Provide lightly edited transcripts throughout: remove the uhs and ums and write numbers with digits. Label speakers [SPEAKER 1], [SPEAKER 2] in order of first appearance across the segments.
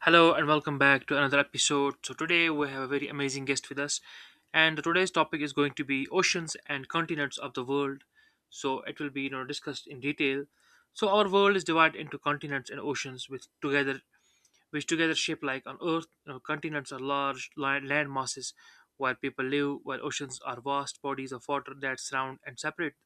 [SPEAKER 1] Hello and welcome back to another episode. So today we have a very amazing guest with us, and today's topic is going to be oceans and continents of the world. So it will be discussed in detail. So our world is divided into continents and oceans, which together shape like on Earth, continents are land masses where people live, while oceans are vast bodies of water that surround and separate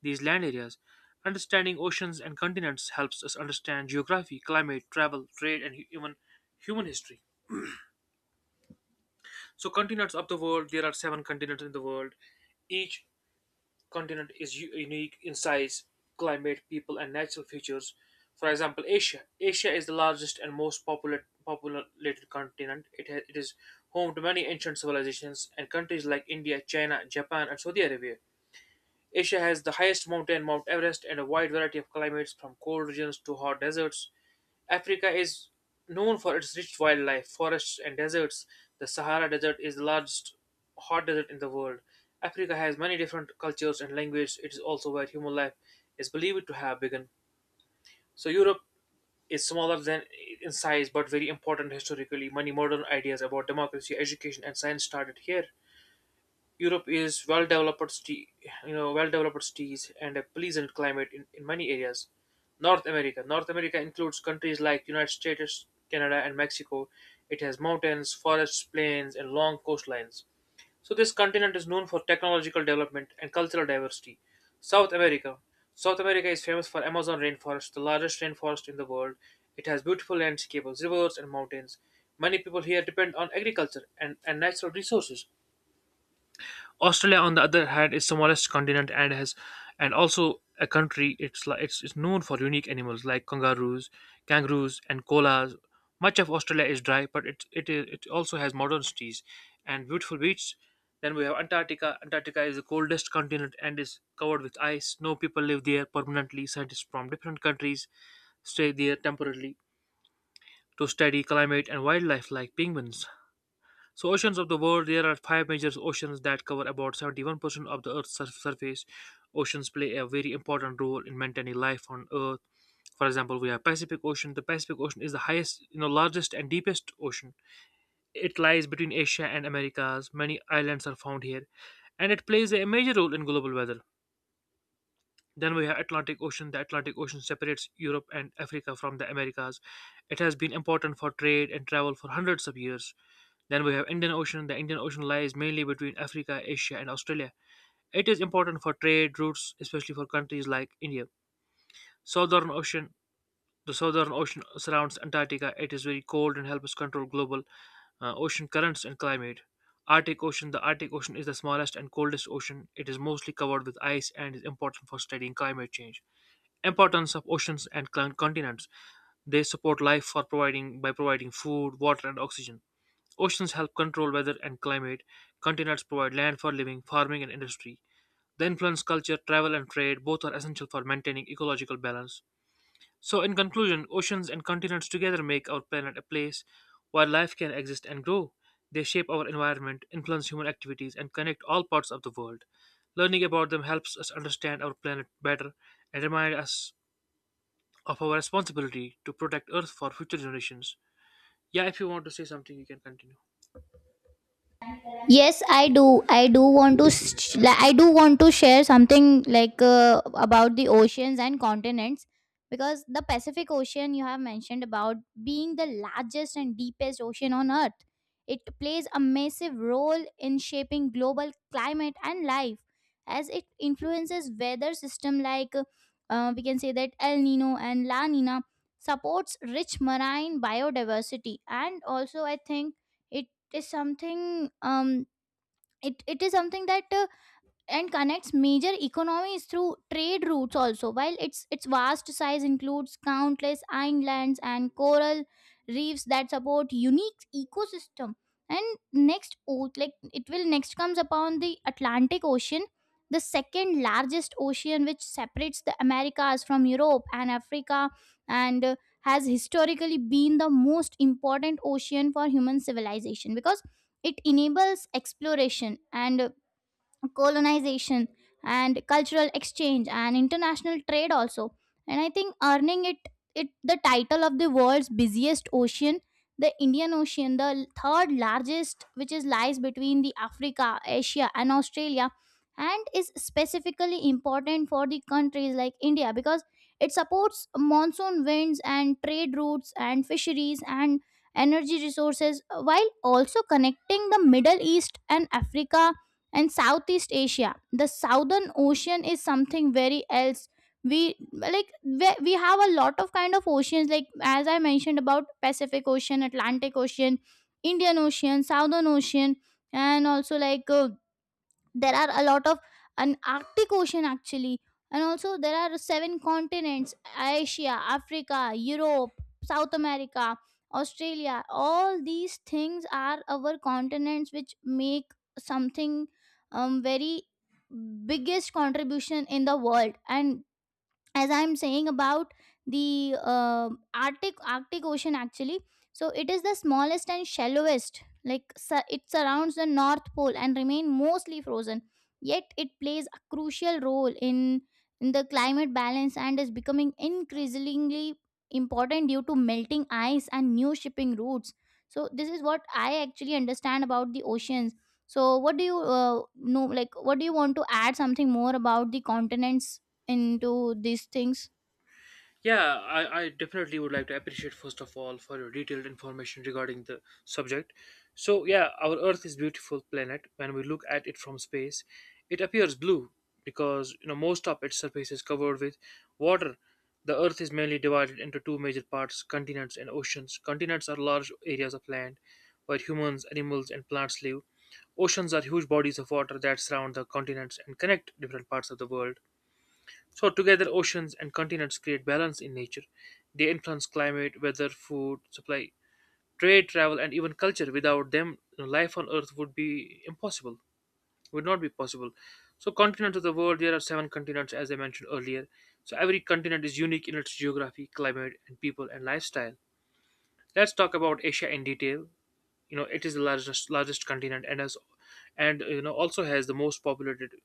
[SPEAKER 1] these land areas. Understanding oceans and continents helps us understand geography, climate, travel, trade, and even human history. So, continents of the world, there are seven continents in the world, each continent is unique in size, climate, people, and natural features. For example, Asia. Asia is the largest and populated continent. It is home to many ancient civilizations and countries like India, China, Japan, and Saudi Arabia. Asia has the highest mountain, Mount Everest, and a wide variety of climates from cold regions to hot deserts. Africa is known for its rich wildlife, forests, and deserts. The Sahara Desert is the largest hot desert in the world. Africa has many different cultures and languages. It is also where human life is believed to have begun. So, Europe is smaller than in size but very important historically. Many modern ideas about democracy, education, and science started here. Europe is well developed sti- you know well developed cities and a pleasant climate in many areas. North America. North America includes countries like United States, Canada and Mexico. It has mountains, forests, plains and long coastlines. So this continent is known for technological development and cultural diversity. South America. South America is famous for Amazon rainforest, the largest rainforest in the world. It has beautiful landscapes, rivers and mountains. Many people here depend on agriculture and natural resources. Australia, on the other hand, is the smallest continent and has and also a country. It's known for unique animals like kangaroos and koalas. Much of Australia is dry, but it also has modern cities and beautiful beaches. Then we have Antarctica. Antarctica is the coldest continent and is covered with ice. No people live there permanently. Scientists from different countries stay there temporarily to study climate and wildlife like penguins. So, oceans of the world, there are five major oceans that cover about 71% of the surface. Oceans play a very important role in maintaining life on Earth. For example, we have Pacific Ocean. The Pacific Ocean is the largest and deepest ocean. It lies between Asia and Americas. Many islands are found here, and it plays a major role in global weather. Then we have Atlantic Ocean. The Atlantic Ocean separates Europe and Africa from the Americas. It has been important for trade and travel for hundreds of years. Then we have Indian Ocean. The Indian Ocean lies mainly between Africa, Asia, and Australia. It is important for trade routes, especially for countries like India. Southern Ocean. The Southern Ocean surrounds Antarctica. It is very cold and helps control global ocean currents and climate. Arctic Ocean. The Arctic Ocean is the smallest and coldest ocean. It is mostly covered with ice and is important for studying climate change. Importance of oceans and continents. They support life for providing by providing food, water, and oxygen. Oceans help control weather and climate. Continents provide land for living, farming, and industry. They influence culture, travel, and trade. Both are essential for maintaining ecological balance. So, in conclusion, oceans and continents together make our planet a place where life can exist and grow. They shape our environment, influence human activities, and connect all parts of the world. Learning about them helps us understand our planet better and remind us of our responsibility to protect Earth for future generations. Yeah, if you want to say something, you can continue.
[SPEAKER 2] Yes, I do. I do want to. Like, I do want to share something like about the oceans and continents because the Pacific Ocean you have mentioned about, being the largest and deepest ocean on Earth. It plays a massive role in shaping global climate and life, as it influences weather system like we can say that El Nino and La Nina, supports rich marine biodiversity. And also I think it is something, it is something that and connects major economies through trade routes also, while its vast size includes countless islands and coral reefs that support unique ecosystem. And next like it will next comes upon the Atlantic Ocean, the second largest ocean, which separates the Americas from Europe and Africa, and has historically been the most important ocean for human civilization because it enables exploration and colonization and cultural exchange and international trade also. And I think earning it the title of the world's busiest ocean. The Indian Ocean, the third largest, which is lies between the Africa, Asia, and Australia, and is specifically important for the countries like India because it supports monsoon winds and trade routes and fisheries and energy resources, while also connecting the Middle East and Africa and Southeast Asia. The Southern Ocean is something very else. We like we have a lot of kind of oceans, like as I mentioned about Pacific Ocean, Atlantic Ocean, Indian Ocean, Southern Ocean, and also like there are a lot of an Arctic Ocean actually. And also there are seven continents: Asia, Africa, Europe, South America, Australia. All these things are our continents which make something very biggest contribution in the world. And as I'm saying about the Arctic Ocean actually, so it is the smallest and shallowest, like it surrounds the North Pole and remain mostly frozen, yet it plays a crucial role in the climate balance and is becoming increasingly important due to melting ice and new shipping routes. So this is what I actually understand about the oceans. So what do you know, like what do you want to add something more about the continents into these things?
[SPEAKER 1] Yeah, I definitely would like to appreciate first of all for your detailed information regarding the subject. So yeah, our Earth is beautiful planet. When we look at it from space, it appears blue because most of its surface is covered with water. The Earth is mainly divided into two major parts: continents and oceans. Continents are large areas of land where humans, animals, and plants live. Oceans are huge bodies of water that surround the continents and connect different parts of the world. So together, oceans and continents create balance in nature. They influence climate, weather, food supply, trade, travel, and even culture. Without them, life on Earth would be impossible. Would not be possible. So, continents of the world, there are seven continents, as I mentioned earlier. So, every continent is unique in its geography, climate, and people and lifestyle. Let's talk about Asia in detail. You know, it is the largest continent and has, and you know, also has the most populated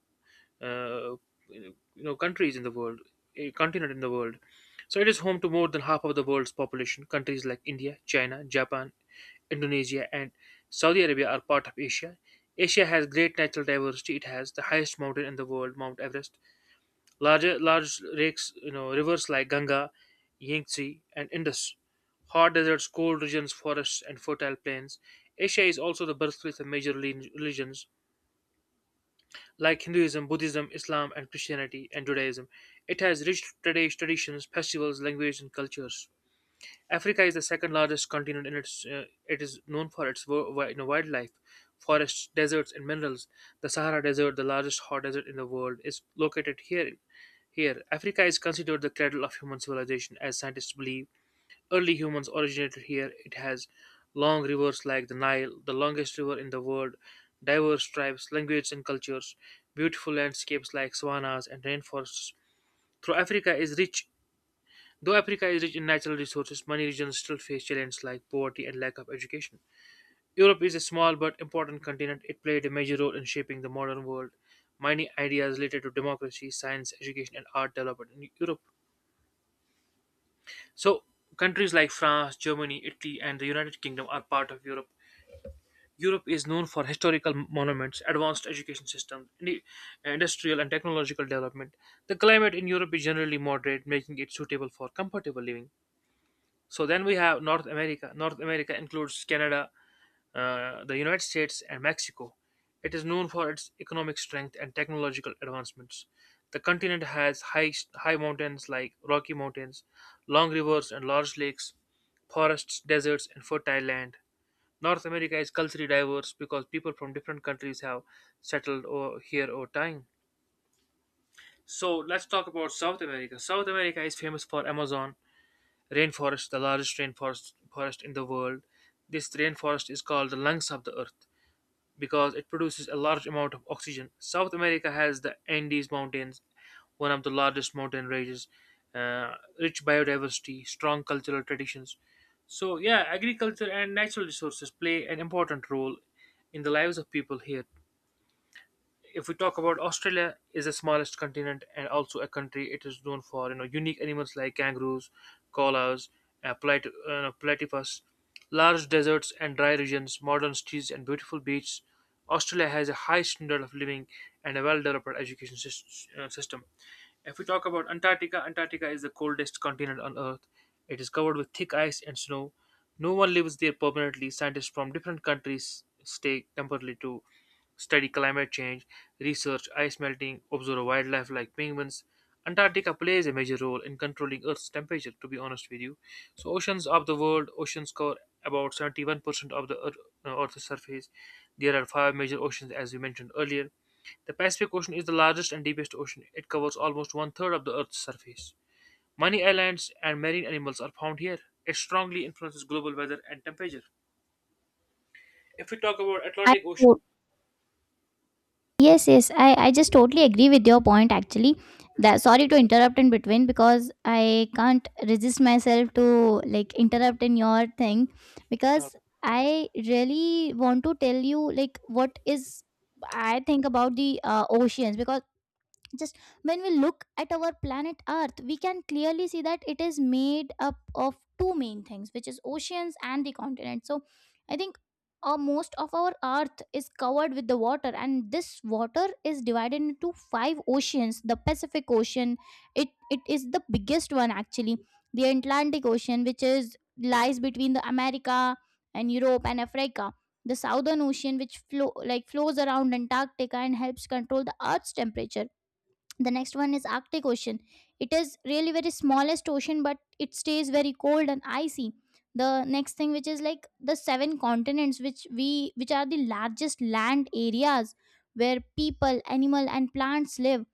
[SPEAKER 1] uh, you countries in the world, a continent in the world. So it is home to more than half of the world's population. Countries like India, China, Japan, Indonesia, and Saudi Arabia are part of Asia. Asia has great natural diversity. It has the highest mountain in the world, Mount Everest, large lakes, rivers like Ganga, Yangtze, and Indus, hot deserts, cold regions, forests, and fertile plains. Asia is also the birthplace of major religions like Hinduism, Buddhism, Islam, and Christianity and Judaism. It has rich traditions, festivals, languages, and cultures. Africa is the second largest continent, and it is known for its wildlife, forests, deserts, and minerals. The Sahara Desert, the largest hot desert in the world, is located here. Here, Africa is considered the cradle of human civilization, as scientists believe. Early humans originated here. It has long rivers like the Nile, the longest river in the world, diverse tribes, languages, and cultures, beautiful landscapes like savannas and rainforests. Though Africa is rich, though Africa is rich in natural resources, many regions still face challenges like poverty and lack of education. Europe is a small but important continent. It played a major role in shaping the modern world. Many ideas related to democracy, science, education, and art developed in Europe. So, countries like France, Germany, Italy, and the United Kingdom are part of Europe. Europe is known for historical monuments, advanced education systems, industrial and technological development. The climate in Europe is generally moderate, making it suitable for comfortable living. So then we have North America. North America includes Canada, the United States, and Mexico. It is known for its economic strength and technological advancements. The continent has high mountains like Rocky Mountains, long rivers and large lakes, forests, deserts, and fertile land. North America is culturally diverse because people from different countries have settled here over time. So let's talk about South America. South America is famous for Amazon rainforest, the largest rainforest forest in the world. This rainforest is called the lungs of the earth because it produces a large amount of oxygen. South America has the Andes Mountains, one of the largest mountain ranges, rich biodiversity, strong cultural traditions. So, yeah, agriculture and natural resources play an important role in the lives of people here. If we talk about Australia, is the smallest continent and also a country. It is known for unique animals like kangaroos, koalas, plat- no, platypus, large deserts and dry regions, modern cities and beautiful beaches. Australia has a high standard of living and a well developed system. If we talk about Antarctica, Antarctica is the coldest continent on Earth. It is covered with thick ice and snow. No one lives there permanently. Scientists from different countries stay temporarily too study climate change, research ice melting, observe wildlife like penguins. Antarctica plays a major role in controlling Earth's temperature, to be honest with you. So, oceans of the world, oceans cover about 71% of the Earth's surface. There are five major oceans, as we mentioned earlier. The Pacific Ocean is the largest and deepest ocean. It covers almost one third of the Earth's surface. Many islands and marine animals are found here. It strongly influences global weather and temperature. If we talk about
[SPEAKER 2] I
[SPEAKER 1] Atlantic Ocean.
[SPEAKER 2] to- yes, yes. I just totally agree with your point actually. That, sorry to interrupt in between because I can't resist myself to like interrupt in your thing,
[SPEAKER 1] Mm.
[SPEAKER 2] because I really want to tell you like what is I think about the oceans because, just when we look at our planet Earth, we can clearly see that it is made up of two main things, which is oceans and the continent. So I think most of our Earth is covered with the water, and this water is divided into five oceans. The Pacific Ocean, it is the biggest one actually. The Atlantic Ocean, which is lies between the America and Europe and Africa. The Southern Ocean, which flows around Antarctica and helps control the Earth's temperature. The next one is Arctic Ocean. It is really very smallest ocean but it stays very cold and icy. The next thing, which is like the seven continents, which are the largest land areas where people, animal, and plants live.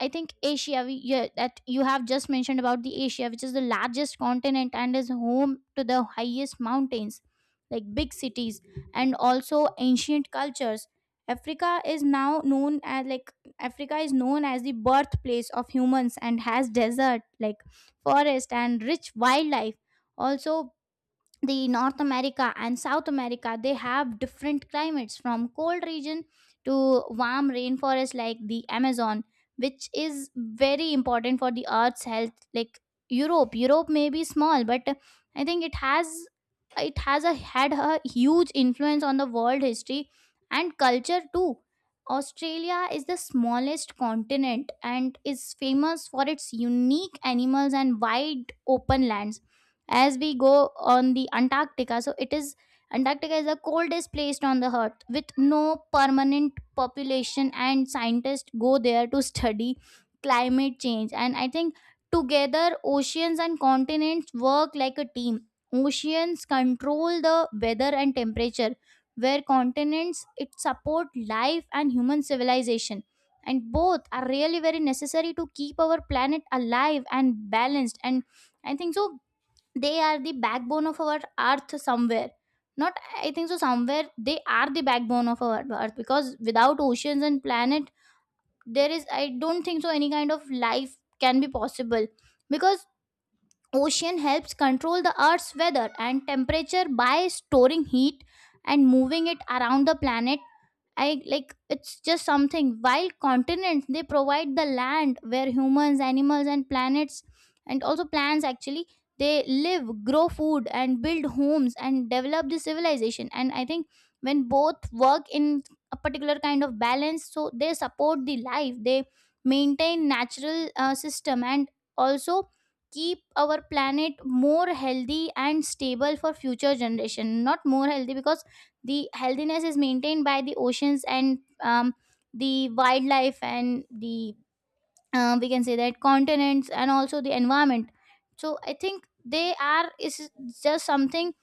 [SPEAKER 2] I think Asia, yeah, that you have just mentioned about the Asia, which is the largest continent and is home to the highest mountains, like big cities, and also ancient cultures. Africa is now known as like Africa is known as the birthplace of humans and has desert, like forest and rich wildlife. Also, the North America and South America, they have different climates, from cold region to warm rainforest like the Amazon, which is very important for the Earth's health. Like, Europe may be small, but I think it has a had a huge influence on the world history and culture too. Australia is the smallest continent and is famous for its unique animals and wide open landscape. As we go on the Antarctica, so it is Antarctica is the coldest place on the Earth, with no permanent population, and scientists go there to study climate change. And I think together oceans and continents work like a team. Oceans control the weather and temperature, where continents, it support life and human civilization, and both are really very necessary to keep our planet alive and balanced. And I think so they are the backbone of our Earth somewhere, not, I think so, somewhere they are the backbone of our Earth, because without oceans and planet, there is, I don't think so, any kind of life can be possible, because ocean helps control the Earth's weather and temperature by storing heat and moving it around the planet. I like it's just something. While continents, they provide the land where humans, animals, and planets, and also plants actually, they live, grow food, and build homes and develop the civilization. And I think when both work in a particular kind of balance, so they support the life, they maintain natural system, and also keep our planet more healthy and stable for future generation. Not more healthy, because the healthiness is maintained by the oceans and the wildlife and the we can say that continents and also the environment. So I think they are is just something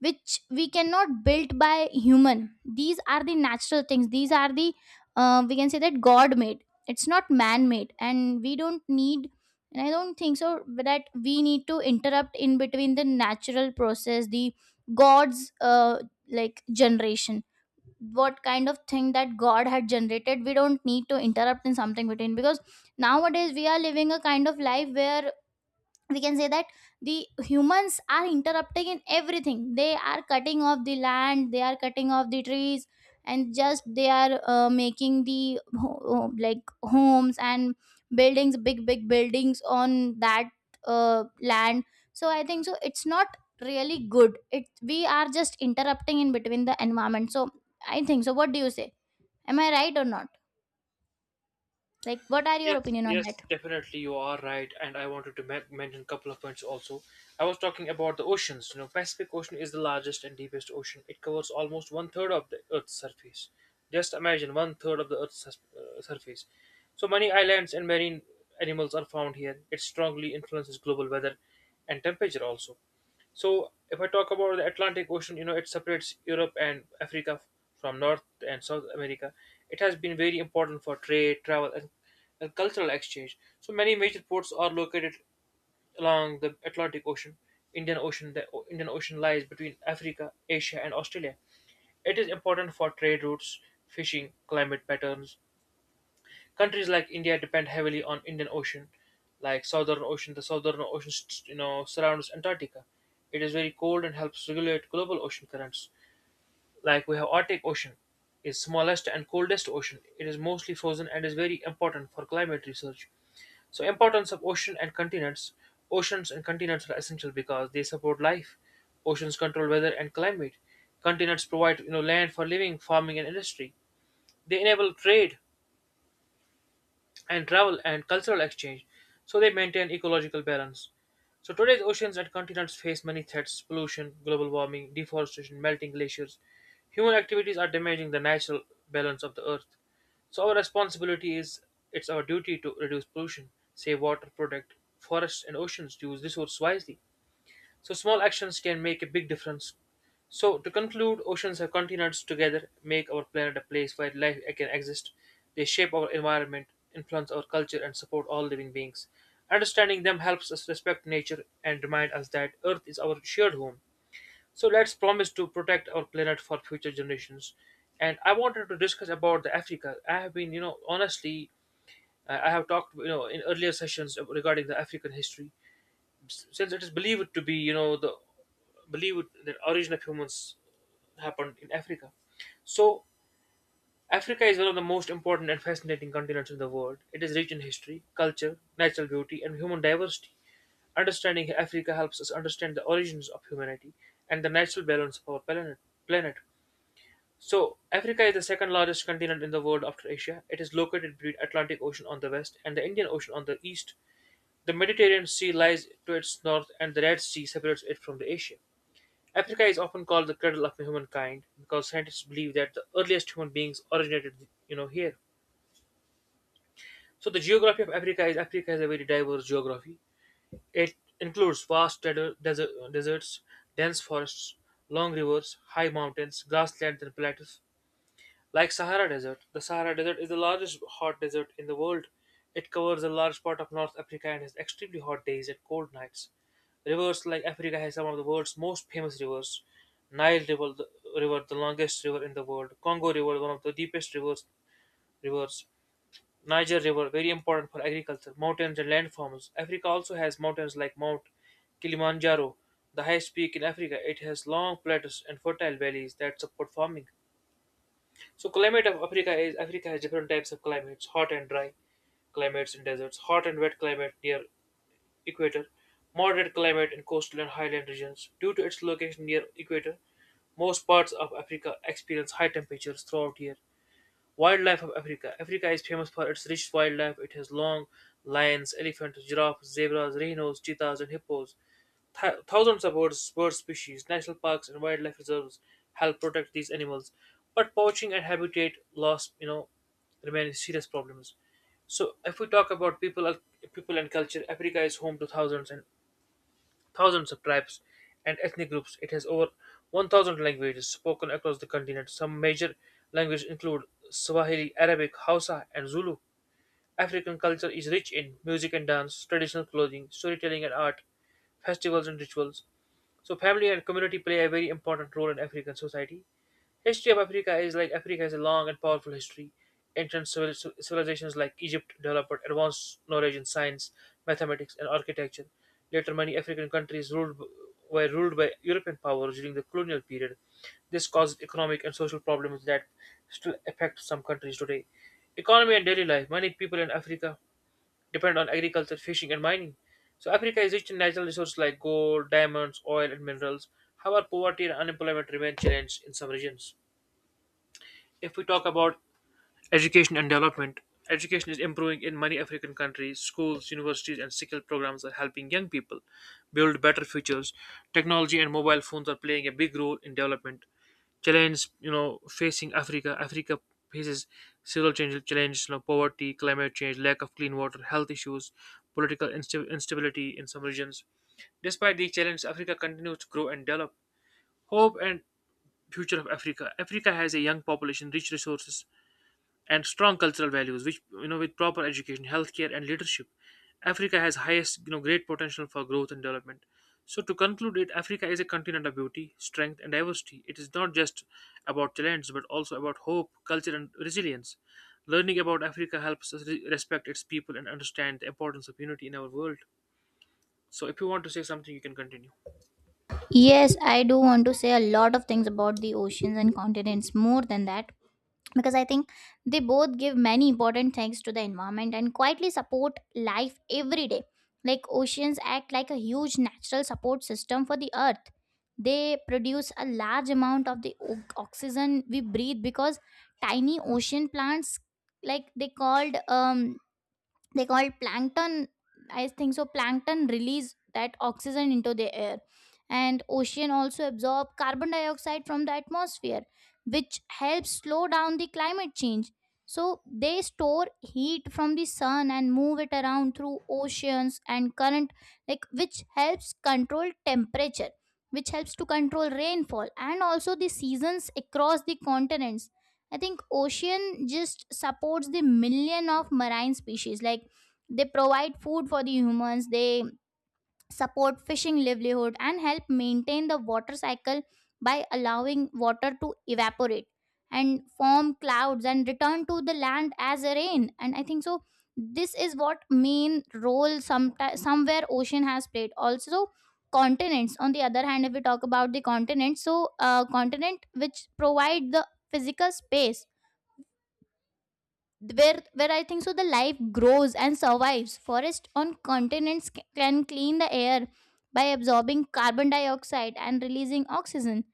[SPEAKER 2] which we cannot build by human. These are the natural things. These are the, we can say that, God made, it's not man made, and we don't need, and I don't think so that we need to interrupt in between the natural process, the God's like generation. What kind of thing that God had generated, we don't need to interrupt in something between, because nowadays we are living a kind of life where, we can say that, the humans are interrupting in everything. They are cutting off the land, they are cutting off the trees, and just they are making the like homes and buildings, big big buildings on that land. So I think so it's not really good, it, we are just interrupting in between the environment. So I think so, what do you say? Am I right or not? Like, what are your
[SPEAKER 1] Yes,
[SPEAKER 2] opinion on that?
[SPEAKER 1] yes, definitely you are right, and I wanted to mention a couple of points also. I was talking about the oceans. You know, Pacific Ocean is the largest and deepest ocean. It covers almost one third of the Earth's surface. Just imagine one third of the surface. So many islands and marine animals are found here. It strongly influences global weather and temperature also. So if I talk about the Atlantic Ocean, you know, it separates Europe and Africa from North and South America. It has been very important for trade, travel, and cultural exchange. So many major ports are located along the Atlantic Ocean. Indian Ocean, Indian Ocean lies between Africa, Asia, and Australia. It is important for trade routes, fishing, climate patterns. Countries like India depend heavily on Indian Ocean, like Southern Ocean. The Southern Ocean surrounds Antarctica. It is very cold and helps regulate global ocean currents. Like we have Arctic Ocean, is smallest and coldest ocean. It is mostly frozen and is very important for climate research. So, importance of ocean and continents. Oceans and continents are essential because they support life. Oceans control weather and climate. Continents provide land for living, farming, and industry. They enable trade, and travel, and cultural exchange, so they maintain ecological balance. So today's oceans and continents face many threats: pollution, global warming, deforestation, melting glaciers. Human activities are damaging the natural balance of the earth. So our responsibility is it's our duty to reduce pollution, save water, protect forests and oceans, to use resources wisely. So small actions can make a big difference. So, to conclude, oceans and continents together make our planet a place where life can exist. They shape our environment, influence our culture, and support all living beings. Understanding them helps us respect nature and remind us that Earth is our shared home. So let's promise to protect our planet for future generations. And I wanted to discuss about the Africa. I have been, honestly, I have talked, in earlier sessions regarding the African history, since it is believed to be you know the believed that origin of humans happened in Africa. So Africa is one of the most important and fascinating continents in the world. It is rich in history, culture, natural beauty, and human diversity. Understanding Africa helps us understand the origins of humanity and the natural balance of our planet. So, Africa is the second largest continent in the world after Asia. It is located between Atlantic Ocean on the west and the Indian Ocean on the east. The Mediterranean Sea lies to its north, and the Red Sea separates it from the Asia. Africa is often called the cradle of humankind because scientists believe that the earliest human beings originated here. So, the geography of Africa is a very diverse geography. It includes vast deserts, dense forests, long rivers, high mountains, grasslands, and plateaus. Like Sahara Desert, the Sahara Desert is the largest hot desert in the world. It covers a large part of North Africa and has extremely hot days and cold nights. Rivers, like Africa has some of the world's most famous rivers. Nile River, river, the longest river in the world. Congo River, one of the deepest rivers. Rivers. Niger River, very important for agriculture. Mountains and landforms. Africa also has mountains like Mount Kilimanjaro, the highest peak in Africa. It has long plateaus and fertile valleys that support farming. So, climate of Africa is Africa has different types of climates: hot and dry climates in deserts, hot and wet climate near equator, moderate climate in coastal and highland regions. Due to its location near equator, most parts of Africa experience high temperatures throughout year. Wildlife of Africa. Africa is famous for its rich wildlife. It has long lions, elephants, giraffes, zebras, rhinos, cheetahs, and hippos. Thousands of birds, bird species, national parks, and wildlife reserves help protect these animals. But poaching and habitat loss, remain serious problems. So, if we talk about people and culture, Africa is home to thousands and thousands of tribes and ethnic groups. It has over 1,000 languages spoken across the continent. Some major languages include Swahili, Arabic, Hausa, and Zulu. African culture is rich in music and dance, traditional clothing, storytelling and art, festivals and rituals. So, family and community play a very important role in African society. History of Africa is like Africa has a long and powerful history. Ancient civilizations like Egypt developed advanced knowledge in science, mathematics, and architecture. Later, many African countries were ruled by European powers during the colonial period. This caused economic and social problems that still affect some countries today. Economy and daily life. Many people in Africa depend on agriculture, fishing, and mining. So, Africa is rich in natural resources like gold, diamonds, oil, and minerals. However, poverty and unemployment remain challenges in some regions. If we talk about education and development, education is improving in many African countries. Schools, universities, and skill programs are helping young people build better futures. Technology and mobile phones are playing a big role in development. Challenges facing Africa. Africa faces several challenges, poverty, climate change, lack of clean water, health issues, political instability in some regions. Despite these challenges, Africa continues to grow and develop. Hope and future of Africa. Africa has a young population, rich resources, and strong cultural values, which, with proper education, healthcare, and leadership, africa has highest great potential for growth and development. So, to conclude it, africa is a continent of beauty, strength, and diversity. It is not just about talents, but also about hope, culture, and resilience. Learning about africa helps us respect its people and understand the importance of unity in our world. So, if you want to say something, you can continue.
[SPEAKER 2] Yes, I do want to say a lot of things about the oceans and continents more than that, because I think they both give many important things to the environment and quietly support life every day. Like oceans act like a huge natural support system for the Earth. They produce a large amount of the oxygen we breathe, because tiny ocean plants, like they called they call plankton, I think so plankton release that oxygen into the air. And ocean also absorb carbon dioxide from the atmosphere, which helps slow down the climate change. So they store heat from the sun and move it around through oceans and current, like which helps control temperature, which helps to control rainfall and also the seasons across the continents. I think ocean just supports the million of marine species, like they provide food for the humans, they support fishing livelihood and help maintain the water cycle by allowing water to evaporate and form clouds and return to the land as a rain. And I think so this is what main role somewhere ocean has played. Also continents, on the other hand, if we talk about the continents, so continent which provide the physical space where I think so the life grows and survives. Forests on continents can clean the air by absorbing carbon dioxide and releasing oxygen,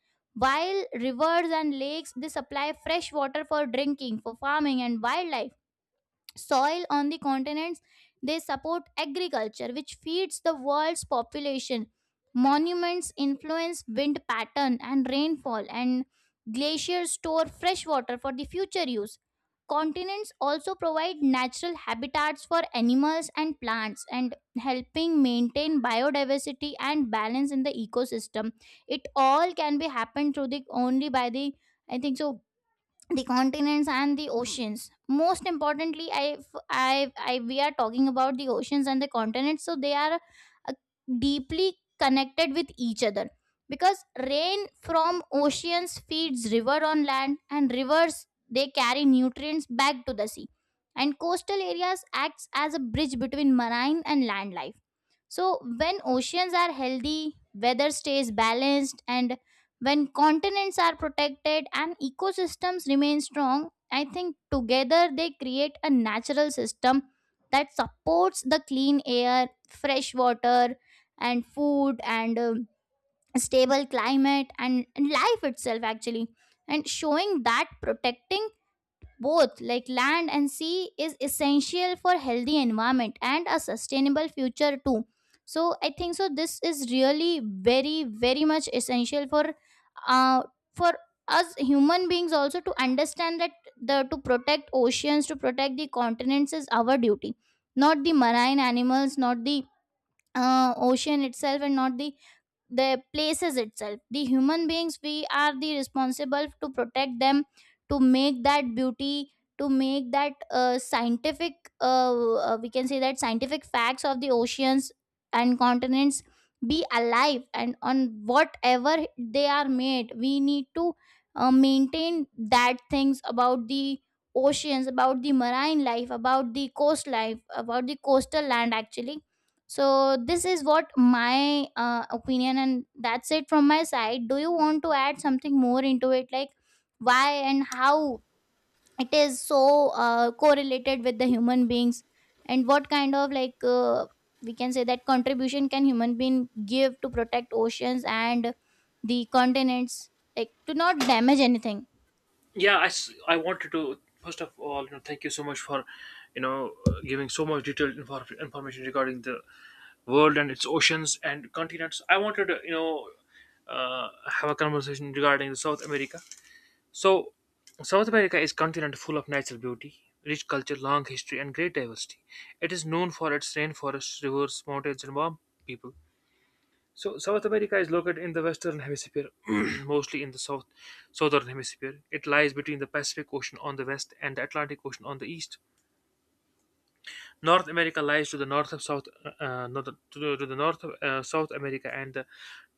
[SPEAKER 2] while rivers and lakes, they supply fresh water for drinking, for farming and wildlife. Soil on the continents, they support agriculture which feeds the world's population. Monuments influence wind pattern and rainfall, and glaciers store fresh water for the future use. Continents also provide natural habitats for animals and plants, and helping maintain biodiversity and balance in the ecosystem. It all can be happened through the only by the, I think so, the continents and the oceans. Most importantly, I we are talking about the oceans and the continents, so they are uh, deeply connected with each other, because rain from oceans feeds river on land and rivers, they carry nutrients back to the sea, and coastal areas acts as a bridge between marine and land life. So, when oceans are healthy, weather stays balanced, and when continents are protected and ecosystems remain strong, I think together they create a natural system that supports the clean air, fresh water, and food, and stable climate, and life itself, actually. And showing that protecting both, like land and sea, is essential for healthy environment and a sustainable future too. So I think so this is really very very much essential uh for us human beings also to understand that the, to protect oceans, to protect the continents, is our duty. Not the marine animals, not the ocean itself, and not the places itself. The human beings, we are the responsible to protect them, to make that beauty, to make that scientific we can say that, scientific facts of the oceans and continents be alive, and on whatever they are made, we need to maintain that things about the oceans, about the marine life, about the coast life, about the coastal land actually. So this is what my opinion, and that's it from my side. Do you want to add something more into it, like why and how it is so correlated with the human beings, and what kind of like we can say that contribution can human being give to protect oceans and the continents, like to not damage anything?
[SPEAKER 1] Yeah, I wanted to first of all thank you so much for giving so much detailed information regarding the world and its oceans and continents. I wanted touh, have a conversation regarding the South America. So, South America is a continent full of natural beauty, rich culture, long history, and great diversity. It is known for its rainforests, rivers, mountains, and warm people. So, South America is located in the Western Hemisphere, mostly in the Southern Hemisphere. It lies between the Pacific Ocean on the west and the Atlantic Ocean on the east. North America lies to the north of to the north of South America, and the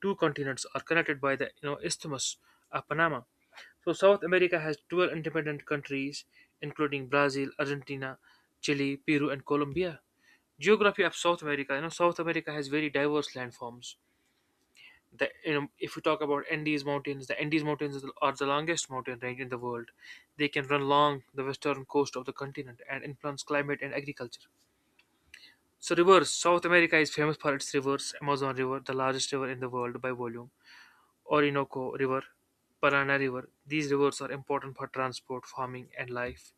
[SPEAKER 1] two continents are connected by the isthmus of Panama. So, South America has 12 independent countries, including Brazil, Argentina, Chile, Peru, and Colombia. Geography of South America. South America has very diverse landforms. If we talk about Andes Mountains, the Andes Mountains are the longest mountain range in the world. They can run along the western coast of the continent and influence climate and agriculture. So, rivers. South America is famous for its rivers. Amazon River, the largest river in the world by volume. Orinoco River, Parana River. These rivers are important for transport, farming, and life.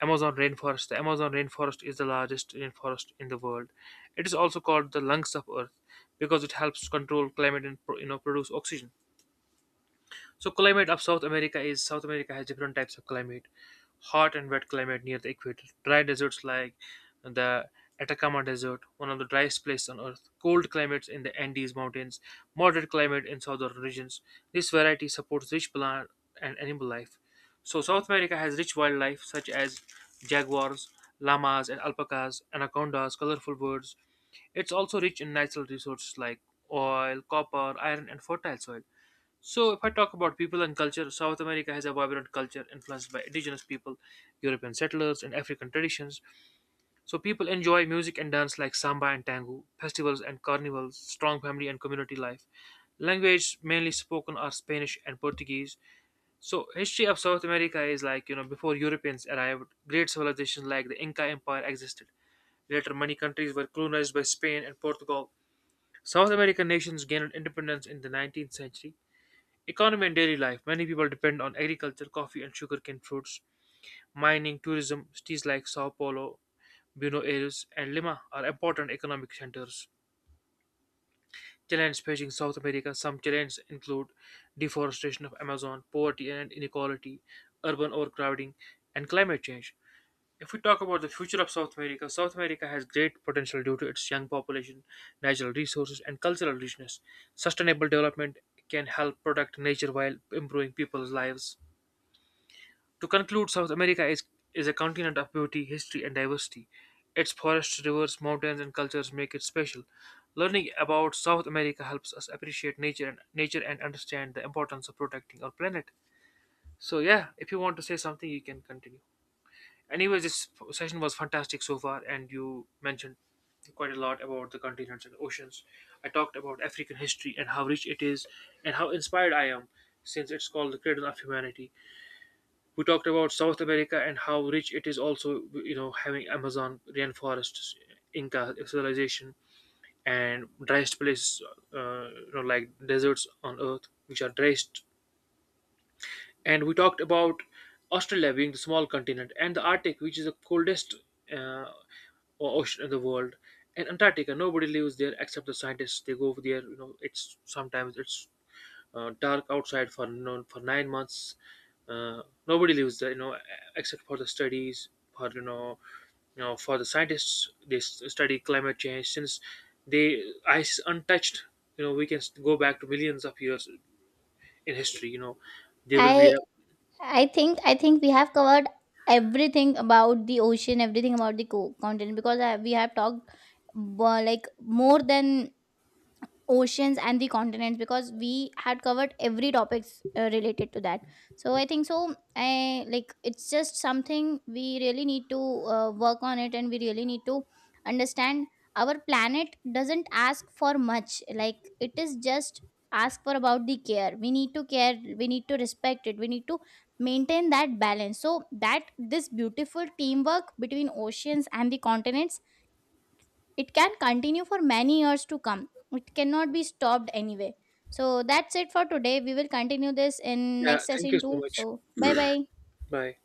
[SPEAKER 1] Amazon rainforest. The Amazon rainforest is the largest rainforest in the world. It is also called the lungs of Earth because it helps control climate and produce oxygen. So, climate of South America is South America has different types of climate: hot and wet climate near the equator, dry deserts like the Atacama Desert, one of the driest places on Earth, cold climates in the Andes Mountains, moderate climate in southern regions. This variety supports rich plant and animal life. So, South America has rich wildlife such as jaguars, llamas and alpacas, anacondas, colorful birds. It's also rich in natural resources like oil, copper, iron, and fertile soil. So, if I talk about people and culture, South America has a vibrant culture influenced by indigenous people, European settlers, and African traditions. So, people enjoy music and dance like samba and tango, festivals and carnivals, strong family and community life. Language mainly spoken are Spanish and Portuguese. So, history of South America is like before Europeans arrived, great civilizations like the Inca Empire existed. Later, many countries were colonized by Spain and Portugal. South American nations gained independence in the 19th century. Economy and daily life. Many people depend on agriculture, coffee and sugarcane fruits, mining, tourism. Cities like Sao Paulo, Buenos Aires, and Lima are important economic centers. Challenges facing South America. Some challenges include deforestation of Amazon, poverty and inequality, urban overcrowding, and climate change. If we talk about the future of South America, South America has great potential due to its young population, natural resources, and cultural richness. Sustainable development can help protect nature while improving people's lives. To conclude, South America is a continent of beauty, history, and diversity. Its forests, rivers, mountains, and cultures make it special. Learning about South America helps us appreciate nature and understand the importance of protecting our planet. So yeah, if you want to say something, you can continue. Anyways, this session was fantastic so far, and you mentioned quite a lot about the continents and oceans. I talked about African history and how rich it is, and how inspired I am, since it's called the cradle of humanity. We talked about south america and how rich it is also, having amazon rainforests, inca civilization, and driest places, like deserts on earth which are driest. And we talked about Australia being the small continent, and the Arctic, which is the coldest uh, ocean in the world, and Antarctica. Nobody lives there except the scientists. They go over there. You know, it's sometimes it's dark outside for no, for 9 months. Uh, Nobody lives there, except for the studies, for you know, for the scientists. They study climate change, since they ice untouched. We can go back to millions of years in history. There will be
[SPEAKER 2] I
[SPEAKER 1] a.
[SPEAKER 2] I think we have covered everything about the ocean, everything about the continent, because I, we have talked like more than oceans and the continents because we had covered every topics related to that. So I think so, I like, it's just something we really need to work on it, and we really need to understand our planet doesn't ask for much, like it is just ask for about the care. We need to care, we need to respect it, we need to maintain that balance, so that this beautiful teamwork between oceans and the continents, it can continue for many years to come. It cannot be stopped anyway. So that's it for today. We will continue this in
[SPEAKER 1] Yeah,
[SPEAKER 2] next
[SPEAKER 1] thank you
[SPEAKER 2] session
[SPEAKER 1] so
[SPEAKER 2] too.
[SPEAKER 1] much.
[SPEAKER 2] So bye bye.
[SPEAKER 1] Bye.